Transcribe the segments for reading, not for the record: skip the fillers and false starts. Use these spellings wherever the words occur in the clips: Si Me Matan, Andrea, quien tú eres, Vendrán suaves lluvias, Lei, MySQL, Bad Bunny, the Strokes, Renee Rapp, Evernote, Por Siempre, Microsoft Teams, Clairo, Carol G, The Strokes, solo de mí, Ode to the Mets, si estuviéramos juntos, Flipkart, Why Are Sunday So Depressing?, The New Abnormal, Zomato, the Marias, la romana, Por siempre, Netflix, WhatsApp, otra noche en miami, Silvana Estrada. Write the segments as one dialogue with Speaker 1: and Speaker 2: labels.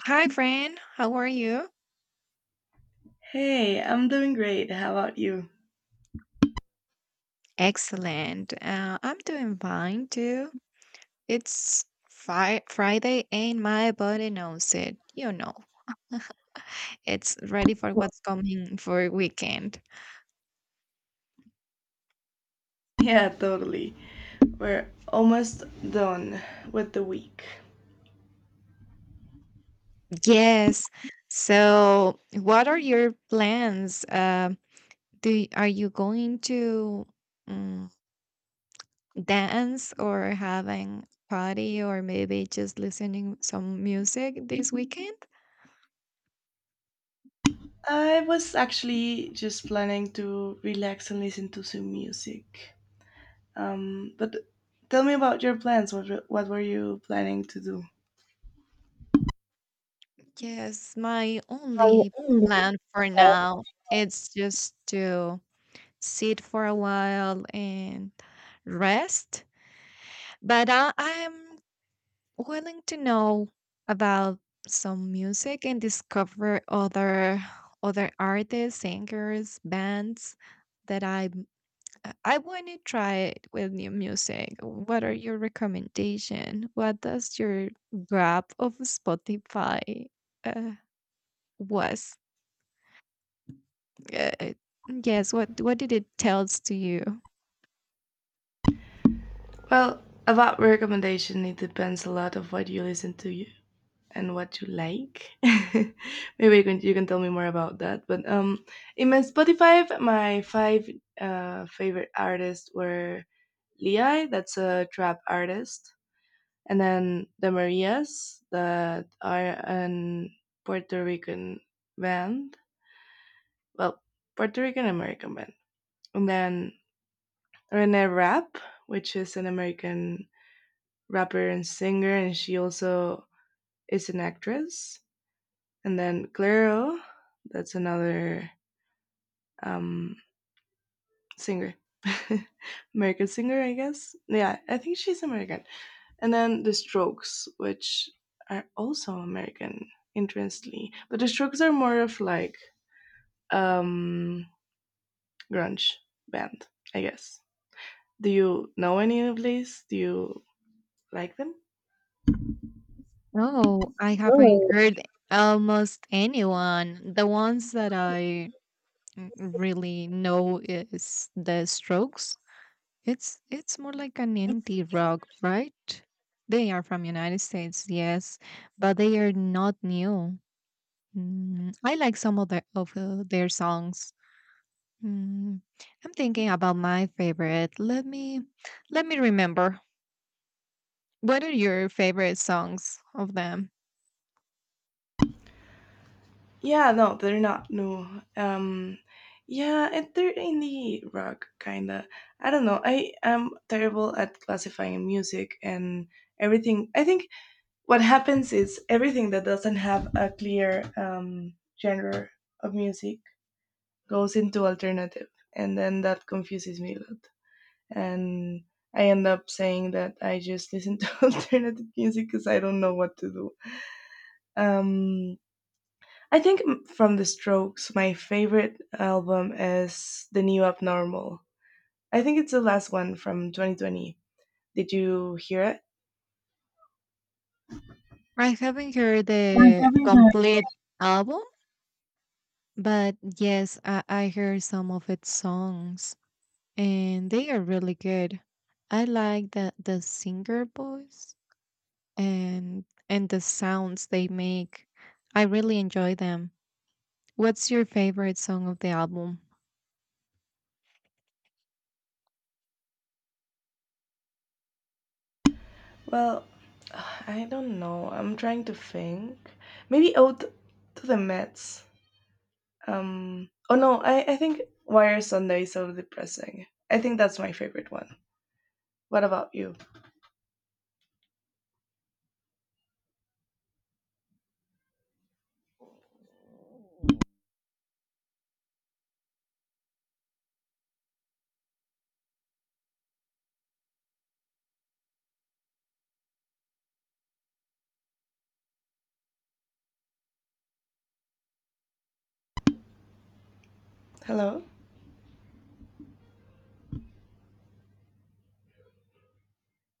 Speaker 1: Hi, friend. How are you?
Speaker 2: Hey, I'm doing great. How about you?
Speaker 1: Excellent. I'm doing fine too. It's Friday and my body knows it. It's ready for
Speaker 2: Well,
Speaker 1: what's coming for weekend.
Speaker 2: yeah, totally. We're almost done with the week.
Speaker 1: Yes. So, what are your plans? Do are you going to um, dance or having party or maybe just listening some music this weekend?
Speaker 2: I was actually just planning to relax and listen to some music. But tell me about your plans. What were you planning to do?
Speaker 1: Yes, my only plan for now it's just to sit for a while and rest. But I'm willing to know about some music and discover other artists, singers, bands that I want to try it with new music. What are your recommendation? What does your grab of Spotify uh, was? Uh, uh, yes, what did it tells to you?
Speaker 2: Well, about recommendation, it depends a lot of what you listen to. And what you like. Maybe you can tell me more about that. But in my Spotify, my five favorite artists were Lei, that's a trap artist, and then the Marias, that are an Puerto Rican band. Well, Puerto Rican American band, and then Renee Rapp, which is an American rapper and singer, and she also is an actress. And then Clairo, that's another um, singer, American singer, I guess. Yeah, I think she's American. And then the Strokes, which are also American, interestingly. But the Strokes are more of like um, grunge band, I guess. Do you know any of these? Do you like them?
Speaker 1: No, I haven't
Speaker 2: Oh,
Speaker 1: heard almost anyone. The ones that I n- really know is the Strokes. It's more like an indie rock, right? They are from United States, yes, but they are not new. I like some of their songs. Mm, I'm thinking about my favorite. Let me remember. What are your favorite songs of them?
Speaker 2: yeah, no, they're not new. Um, yeah, and they're indie rock kinda. I don't know. I am terrible at classifying music and everything. I think what happens is everything that doesn't have a clear genre of music goes into alternative, and then that confuses me a lot. And I end up saying that I just listen to alternative music because I don't know what to do. Um, I think from the Strokes, my favorite album is The New Abnormal. I think it's the last one from 2020. Did you hear it?
Speaker 1: I haven't heard
Speaker 2: I
Speaker 1: the
Speaker 2: haven't heard.
Speaker 1: complete album, but yes, I heard some of its songs and they are really good. I like the singer voice and the sounds they make. I really enjoy them. What's your favorite song of the album?
Speaker 2: Well, I don't know. I'm trying to think. Maybe Ode to the Mets. Oh no, I think Why Are Sunday So Depressing? I think that's my favorite one. What about you? Hello?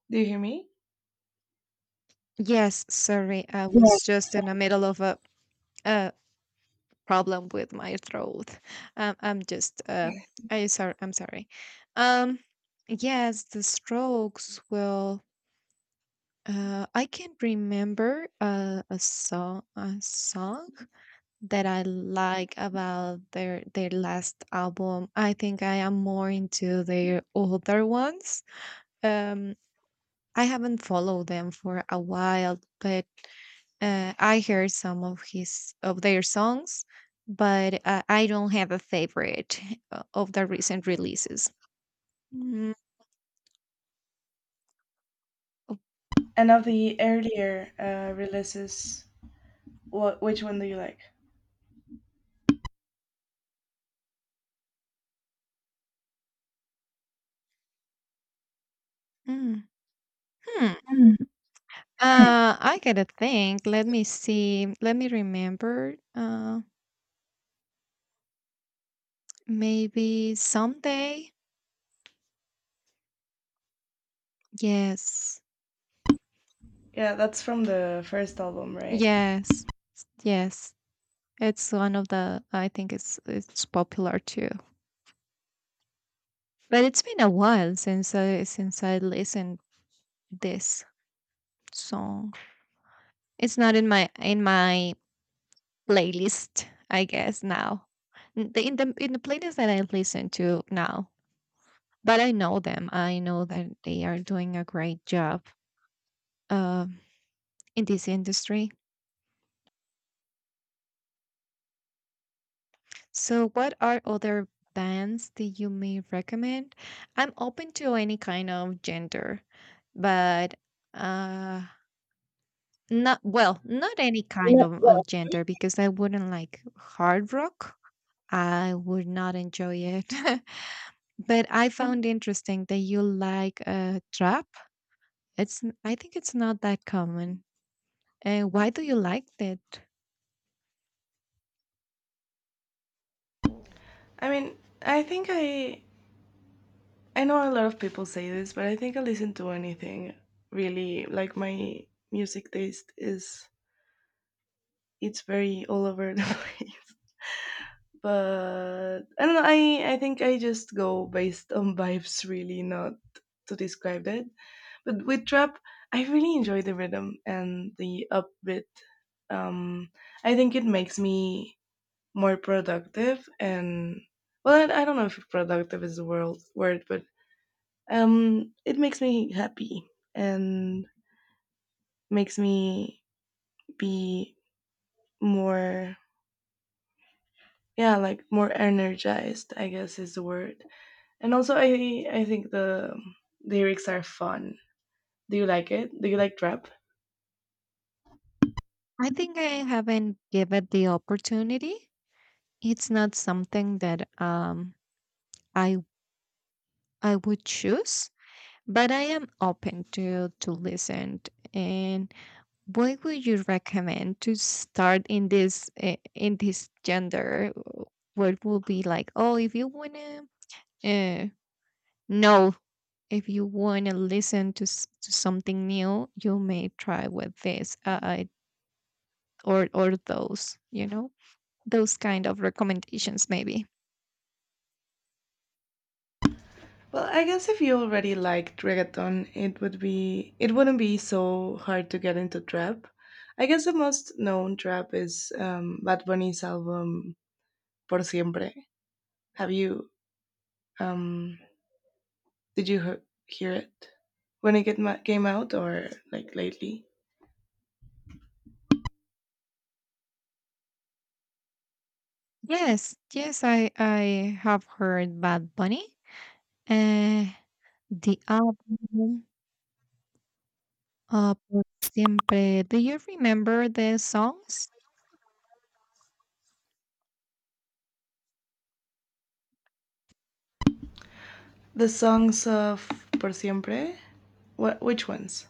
Speaker 2: Do you hear me?
Speaker 1: Yes, sorry, I was
Speaker 2: Yes.
Speaker 1: just in the middle of a problem with my throat. Um, I'm just uh I'm sorry. Um yes, the Strokes will I can remember a song that I like about their last album. I think I am more into their older ones. Um I haven't followed them for a while, but I heard some of his of their songs, but I don't have a favorite of the recent releases. Mm. Oh.
Speaker 2: And of the earlier releases, which one do you like?
Speaker 1: Mm. Hmm. I gotta think. Let me see. Let me remember. Maybe someday. Yes,
Speaker 2: Yeah, that's from the first album, right?
Speaker 1: yes, yes. It's one of the. I think it's popular too. But it's been a while since I listened this song. It's not in my playlist, I guess now. In the playlist that I listen to now, but I know them. I know that they are doing a great job uh, in this industry. So, what are other bands that you may recommend? I'm open to any kind of gender, but uh, not, well, not any kind
Speaker 2: Yeah,
Speaker 1: of,
Speaker 2: well,
Speaker 1: of gender because I wouldn't like hard rock. I would not enjoy it. But I found interesting that you like trap. I think it's not that common. Why do you like it?
Speaker 2: I mean, I think I know a lot of people say this, but I think I listen to anything really. Like my music taste is it's very all over the place. But I don't know, I think I just go based on vibes really, not to describe it. But with trap, I really enjoy the rhythm and the upbeat. Um I think it makes me more productive and well I don't know if productive is the world word, but it makes me happy and makes me be more, yeah, like more energized, I guess, is the word. And also I think the lyrics are fun. Do you like it? Do you like rap?
Speaker 1: I think I haven't given it the opportunity. It's not something that I I would choose, but I am open to listen. And what would you recommend to start in this gender? What will be like? Oh, if you wanna uh, know if you want to listen to something new you may try with this or those you know those kind of recommendations maybe.
Speaker 2: Well, I guess if you already liked reggaeton, it wouldn't be so hard to get into trap. I guess the most known trap is Bad Bunny's album Por Siempre. Have you um did you hear it when it came out or like lately?
Speaker 1: Yes, yes, I have heard Bad Bunny, uh the album, Por siempre. Do you remember the songs?
Speaker 2: The songs of Por Siempre? What Which ones?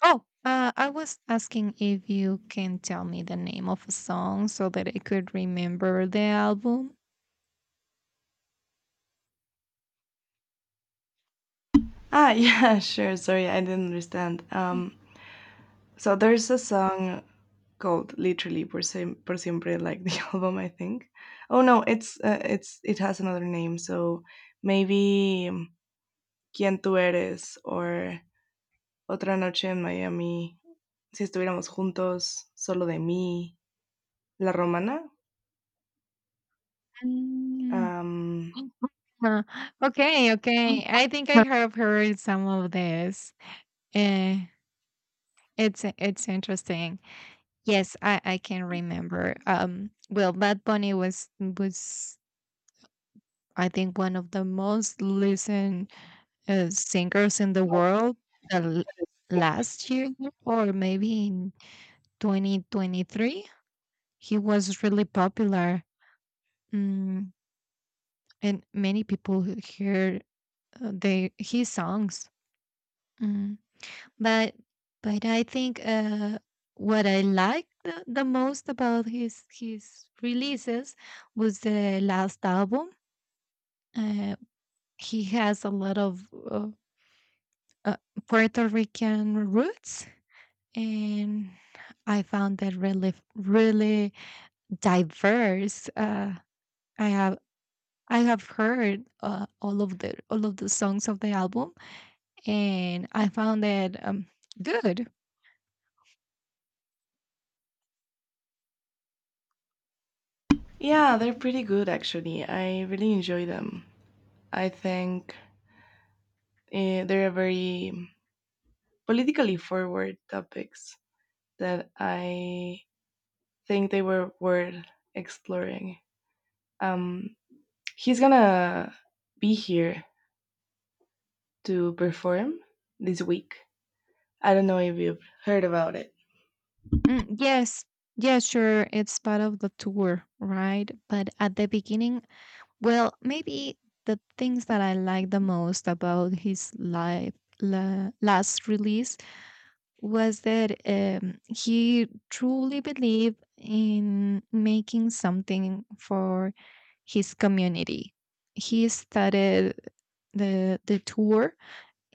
Speaker 1: Oh, I was asking if you can tell me the name of a song so that I could remember the album.
Speaker 2: Ah, yeah, sure. Sorry, I didn't understand. So there's a song called literally por siempre, like the album, I think. Oh no, it's it has another name. So maybe quien tú eres, or otra noche en miami, si estuviéramos juntos, solo de mí, la romana.
Speaker 1: Mm.
Speaker 2: um
Speaker 1: Uh, okay, okay. I think I have heard some of this. Uh, it's interesting. Yes, I can remember. Well, Bad Bunny was I think one of the most listened singers in the world the l- last year or maybe in 2023. He was really popular. Mm, and many people heard, they his songs. Mm. But but I think what I liked the most about his releases was the last album. Uh, he has a lot of uh, Puerto Rican roots, and I found that really really diverse. I have. I have heard all of the songs of the album, and I found that good.
Speaker 2: yeah, they're pretty good actually. I really enjoy them. I think they're very politically forward topics that I think they were worth exploring. Um, he's gonna be here to perform this week. I don't know if you've heard about it.
Speaker 1: Mm, yes, yeah, sure. It's part of the tour, right? But at the beginning, well, maybe the things that I liked the most about his last release was that he truly believed in making something for his community. He started the tour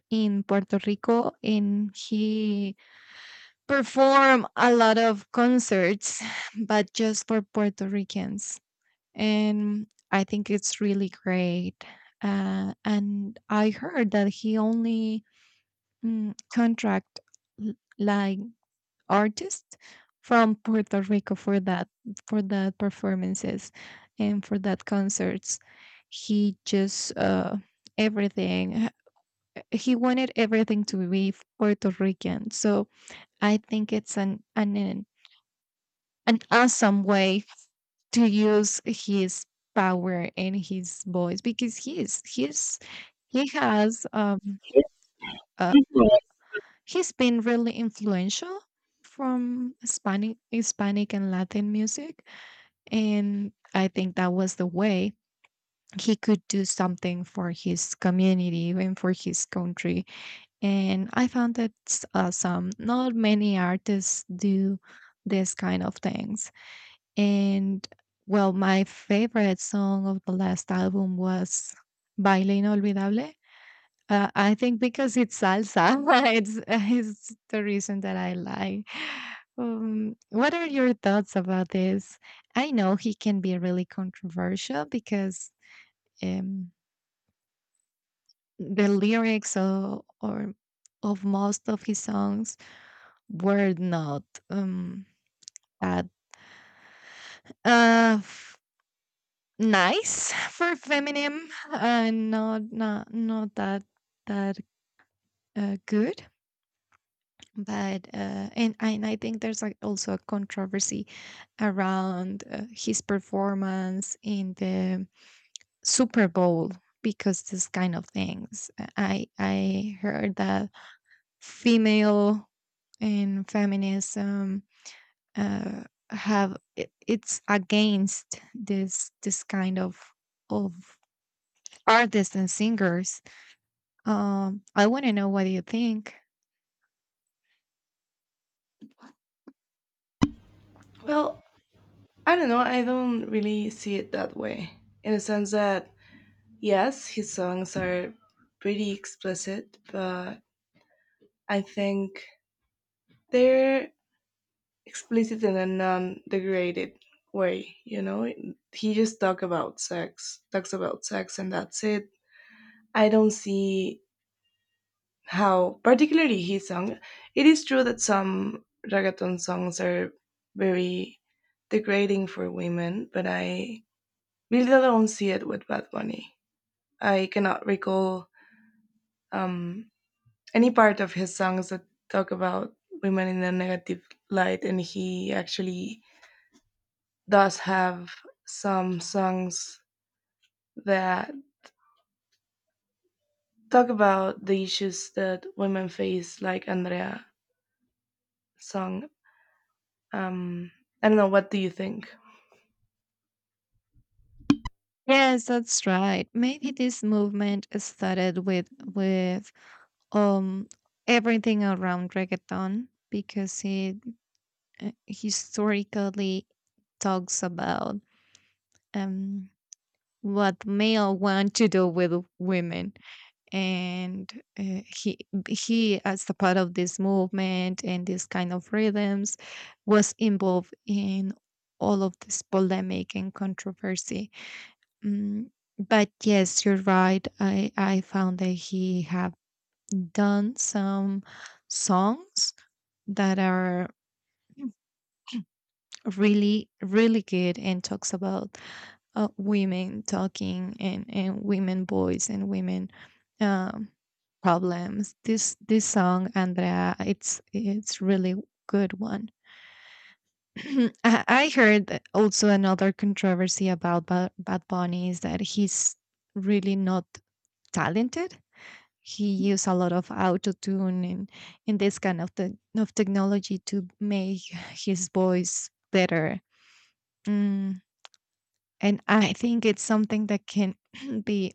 Speaker 1: in Puerto Rico, and he perform a lot of concerts, but just for Puerto Ricans. And I think it's really great. And I heard that he only contract like artists from Puerto Rico for that performances and for that concerts. He just everything. He wanted everything to be Puerto Rican. So I think it's an awesome way to use his power and his voice because he is he's he has uh, he's been really influential from Hispanic and Latin music, and I think that was the way he could do something for his community and for his country, and I found that awesome. Not many artists do this kind of things. And well, my favorite song of the last album was Baile Inolvidable. I think because it's salsa, it's the reason that I like. What are your thoughts about this? I know he can be really controversial because um, the lyrics or of most of his songs were not um, that. Uh, Nice for feminym. Not that that good, but and I think there's like also a controversy around his performance in the Super Bowl because this kind of things. I heard that female and feminism uh, it's against this kind of artists and singers. I want to know what you think.
Speaker 2: Well, I don't know. I don't really see it that way. In the sense that, yes, his songs are pretty explicit, but I think they're explicit in a non degraded way. You know, he just talk about sex, talks about sex, and that's it. I don't see how particularly his song, it is true that some reggaeton songs are very degrading for women, but I really don't see it with Bad Bunny. I cannot recall um, any part of his songs that talk about women in a negative light. And he actually does have some songs that talk about the issues that women face, like Andrea song. um, I don't know, what do you think?
Speaker 1: Yes, that's right. Maybe this movement started with um everything around reggaeton because it historically talks about um what male want to do with women, and he as a part of this movement and this kind of rhythms was involved in all of this polemic and controversy. Mm, but yes, you're right. I found that he have done some songs that are really really good and talks about women talking and women voice and women, um, problems. This song, Andrea, it's really good one. I heard that also another controversy about Bad Bunny is that he's really not talented. He used a lot of auto tune, and this kind of technology to make his voice better. Mm, and I think it's something that can be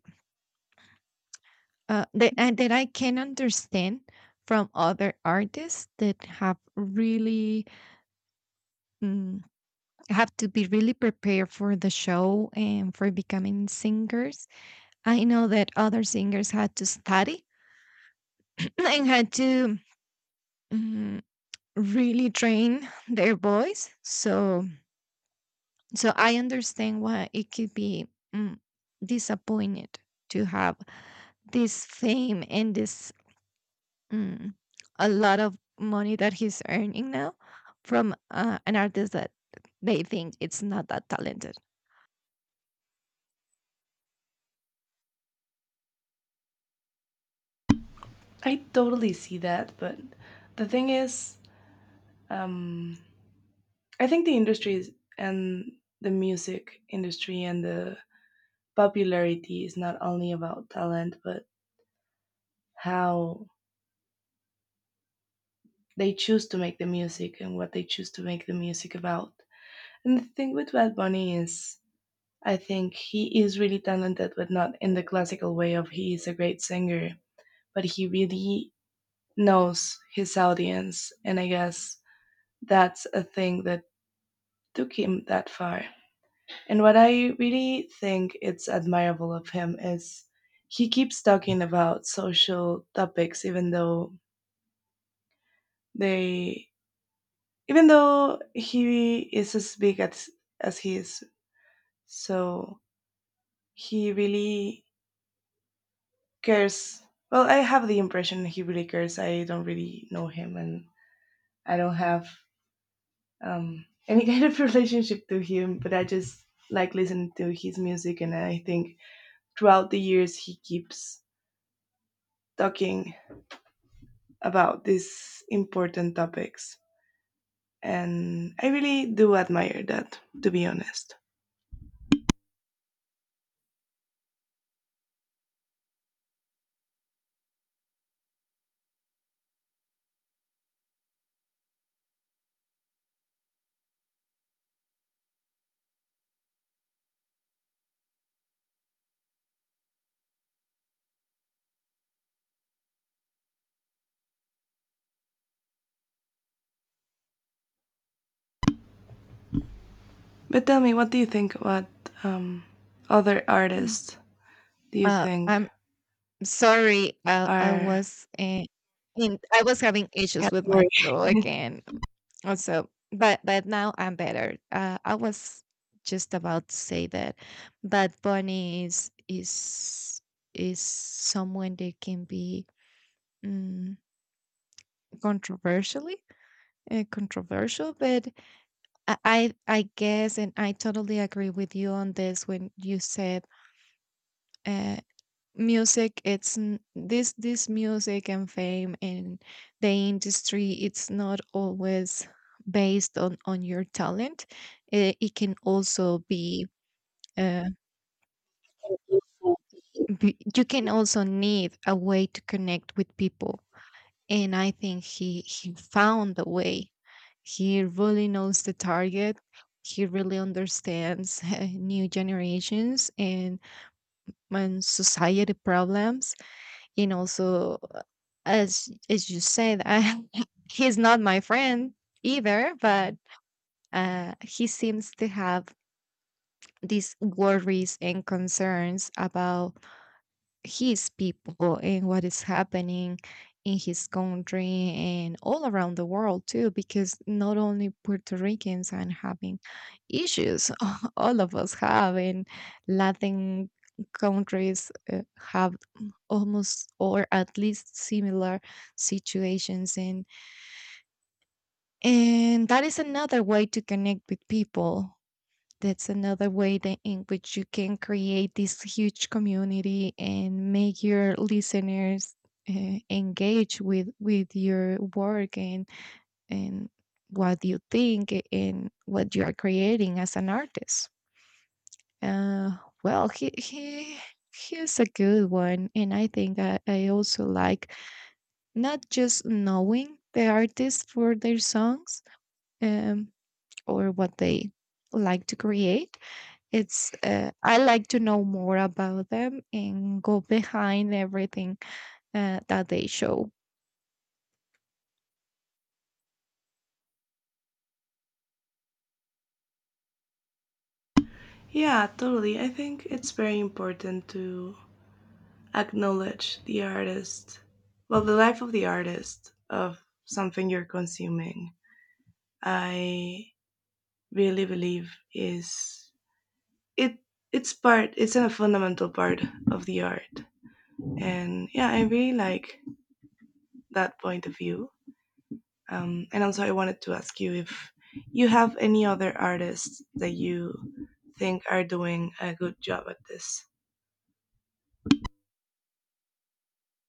Speaker 1: that I can understand from other artists that mm, have to be really prepared for the show and for becoming singers. I know that other singers had to study and had to. mm, really train their voice, so I understand why it could be mm, disappointed to have this fame and this, mm, a lot of money that he's earning now from an artist that they think it's not that talented.
Speaker 2: I totally see that, but the thing is, um, I think the industries and the music industry and the popularity is not only about talent, but how they choose to make the music and what they choose to make the music about. And the thing with Bad Bunny is, I think he is really talented, but not in the classical way of he is a great singer, but he really knows his audience. And I guess that's a thing that took him that far. And what I really think it's admirable of him is he keeps talking about social topics, even though they, even though he is as big as he is. So he really cares. Well, I have the impression he really cares. I don't really know him, and I don't have any kind of relationship to him. But I just like listening to his music, and I think throughout the years he keeps talking about these important topics. And I really do admire that, to be honest. But tell me, what do you think? What um, other
Speaker 1: Mm.
Speaker 2: artists do you think
Speaker 1: I Sorry, I
Speaker 2: are.
Speaker 1: was in I was having
Speaker 2: Yeah,
Speaker 1: issues with my
Speaker 2: sorry.
Speaker 1: throat again. Also, but now I'm better. I was just about to say that Bad Bunny is someone that can be, mm, controversially controversial, but I guess and I totally agree with you on this when you said. Uh, this this music and fame and the industry it's not always based on your talent. It can also be, uh, you can also need a way to connect with people. And I think he found a way. He really knows the target. He really understands new generations and society problems. And also as you said, he's not my friend either, but he seems to have these worries and concerns about his people and what is happening in his country and all around the world too because not only Puerto Ricans are having issues. All of us have, and Latin countries have almost or at least similar situations. And that is another way to connect with people. That's another way that in which you can create this huge community and make your listeners engage with your work and what you think and what you are creating as an artist. Uh, well, he's a good one, and I think I also like not just knowing the artist for their songs. Um, or what they like to create. It's I like to know more about them and go behind everything that they show.
Speaker 2: Yeah, totally. I think it's very important to acknowledge the artist, well, the life of the artist of something you're consuming. I really believe is it it's part, it's a fundamental part of the art. And yeah, I really like that point of view. And also I wanted to ask you if you have any other artists that you think are doing a good job at this.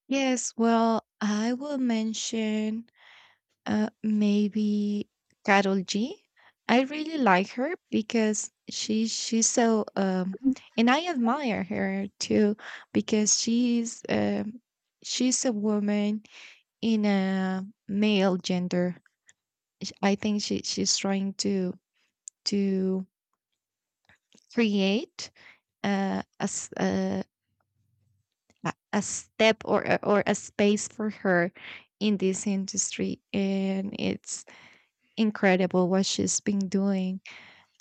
Speaker 1: Yes, well, I will mention maybe Carol G. I really like her because she's so, and I admire her too because she's a woman in a male gender. I think she's trying to create uh, a, s- uh, a step or a space for her in this industry, and it's incredible what she's been doing.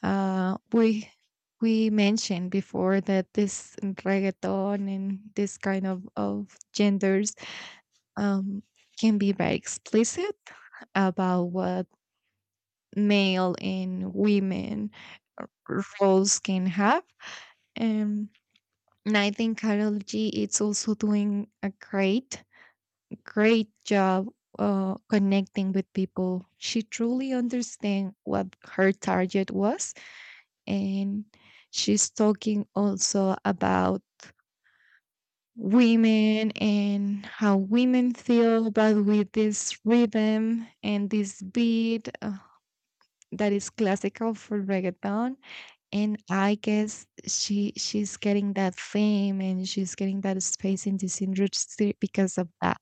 Speaker 1: Uh, we we mentioned before that this reggaeton and this kind of genders, um, can be very explicit about what male and women roles can have. And I think cardiology is also doing a great, great job connecting with people. She truly understands what her target was. And she's talking also about women and how women feel, but with this rhythm and this beat that is classical for reggaeton. And I guess she's getting that fame and she's getting that space in this industry because of that.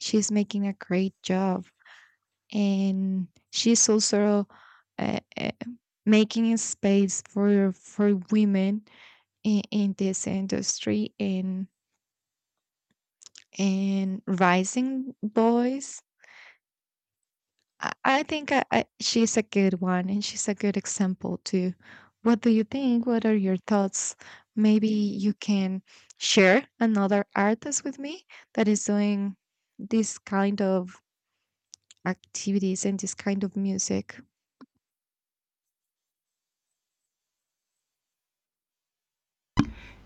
Speaker 1: She's making a great job, and she's also uh, uh, making a space for women in this industry and rising boys. I think, she's a good one and she's a good example too. What do you think? What are your thoughts? Maybe you can share another artist with me that is doing this kind of activities and this kind of music.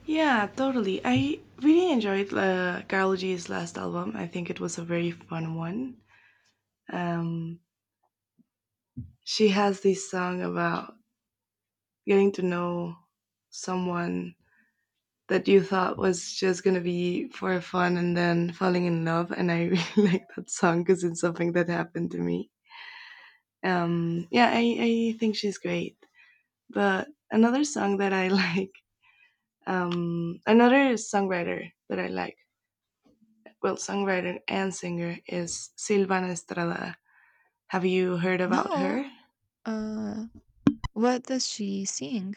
Speaker 2: Yeah, totally, I really enjoyed Carol G's last album. I think it was a very fun one. um, she has this song about getting to know someone that you thought was just gonna be for fun and then falling in love, and I really like that song because it's something that happened to me. Yeah, I think she's great. But another song that I like, another songwriter that I like, well, songwriter and singer, is Silvana Estrada. Have you heard about
Speaker 1: No,
Speaker 2: her?
Speaker 1: uh, what does she sing?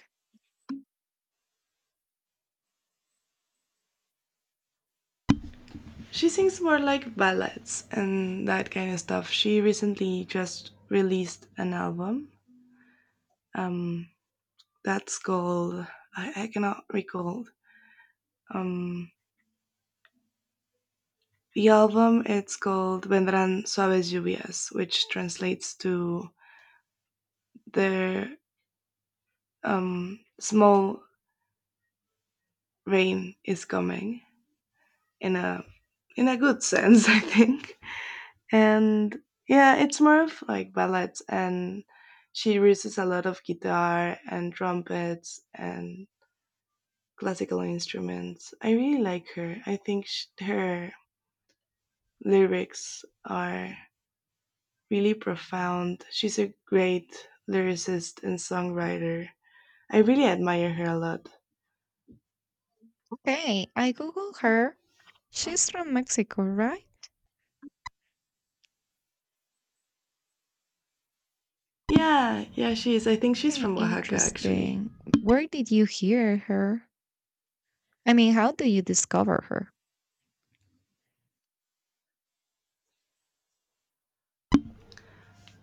Speaker 2: She sings more like ballads and that kind of stuff. She recently just released an album. um That's called, I cannot recall. Um, the album it's called Vendrán suaves lluvias, which translates to the small rain is coming, in a in a good sense, I think. And yeah, it's more of like ballads, and she uses a lot of guitar and trumpets and classical instruments. I really like her. I think sh her lyrics are really profound. She's a great lyricist and songwriter. I really admire her a lot.
Speaker 1: Okay, I Google her. She's from Mexico, right?
Speaker 2: Yeah, yeah, she is. I think she's
Speaker 1: Okay,
Speaker 2: from Oaxaca, actually.
Speaker 1: interesting. Where did you hear her? I mean, how do you discover her?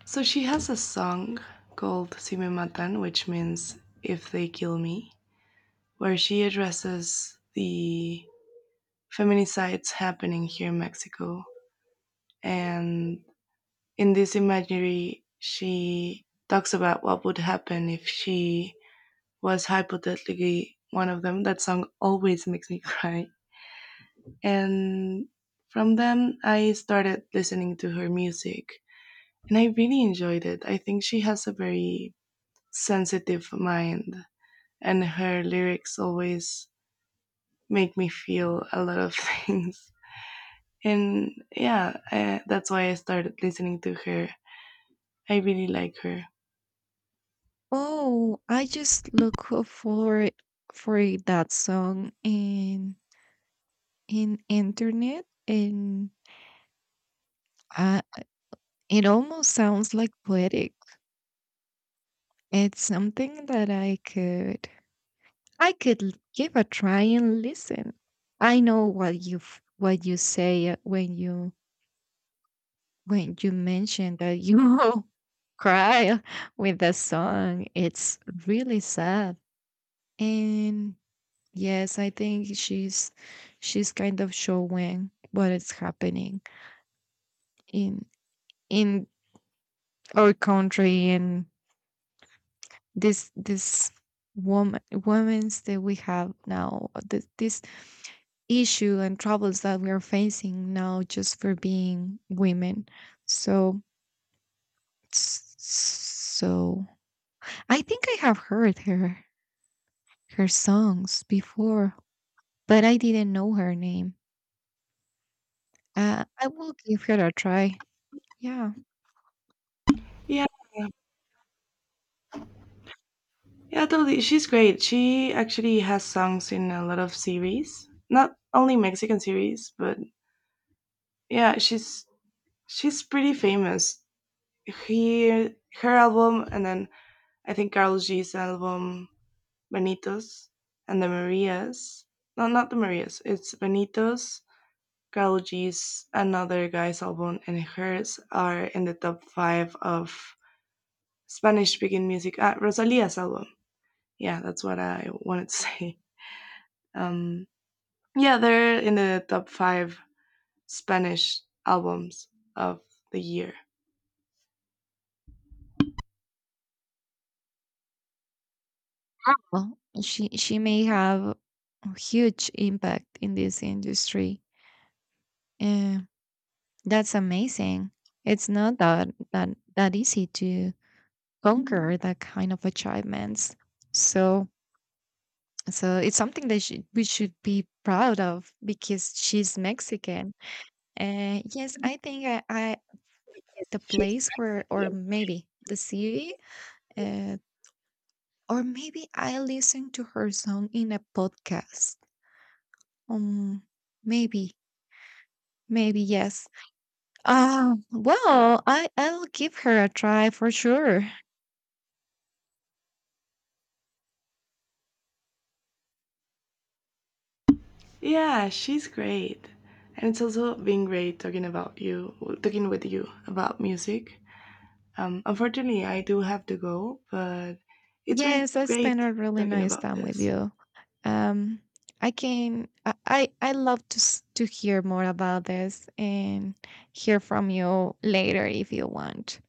Speaker 2: So she has a song called Si Me Matan, which means If They Kill Me, where she addresses the feminicides happening here in Mexico. And in this imagery, she talks about what would happen if she was hypothetically one of them. That song always makes me cry. And from them I started listening to her music and I really enjoyed it. I think she has a very sensitive mind, and her lyrics always make me feel a lot of things. And yeah, that's why I started listening to her. I really like her.
Speaker 1: Oh, I just look for that song in internet, and uh, it almost sounds like poetic. It's something that I could give a try and listen. I know what what you say when you mention that you cry with the song. It's really sad, and yes, I think she's kind of showing what is happening in in our country and this woman women's that we have now, this issue and troubles that we are facing now just for being women. So so I think I have heard her songs before, but I didn't know her name. I will give her a try. Yeah.
Speaker 2: Yeah, totally. She's great. She actually has songs in a lot of series, not only Mexican series, but yeah, she's pretty famous. He her album, and then I think Carlos G's album, Benitos and the Marias. No, not the Marias. It's Benitos, Carlos G's, another guy's album, and hers are in the top five of Spanish-speaking music. Ah, Rosalia's album. Yeah, that's what I wanted to say. Um, Yeah, they're in the top five Spanish albums of the year.
Speaker 1: Oh, she may have a huge impact in this industry. Uh, that's amazing. It's not that that easy to conquer that kind of achievements. So so it's something that she, we should be proud of because she's Mexican. Yes, I think, I
Speaker 2: Yes,
Speaker 1: the
Speaker 2: she's
Speaker 1: place where or
Speaker 2: Mexican.
Speaker 1: maybe the city, uh, or maybe I listened to her song in a podcast. Um, maybe. Yes. Well, I'll give her a try for sure.
Speaker 2: Yeah, she's great. And it's also been great talking about you, talking with you about music. Unfortunately, I do have to go, but it's been
Speaker 1: Yes, I spent
Speaker 2: great
Speaker 1: a really
Speaker 2: talking
Speaker 1: nice
Speaker 2: about
Speaker 1: time with
Speaker 2: this.
Speaker 1: you. Um, I can I love to hear more about this and hear from you later if you want.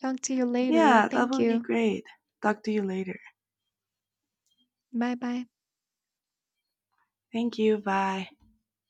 Speaker 1: Talk to you later.
Speaker 2: Yeah, that
Speaker 1: Thank
Speaker 2: would be
Speaker 1: you.
Speaker 2: great. Talk to you later.
Speaker 1: Bye bye.
Speaker 2: Thank you. Bye.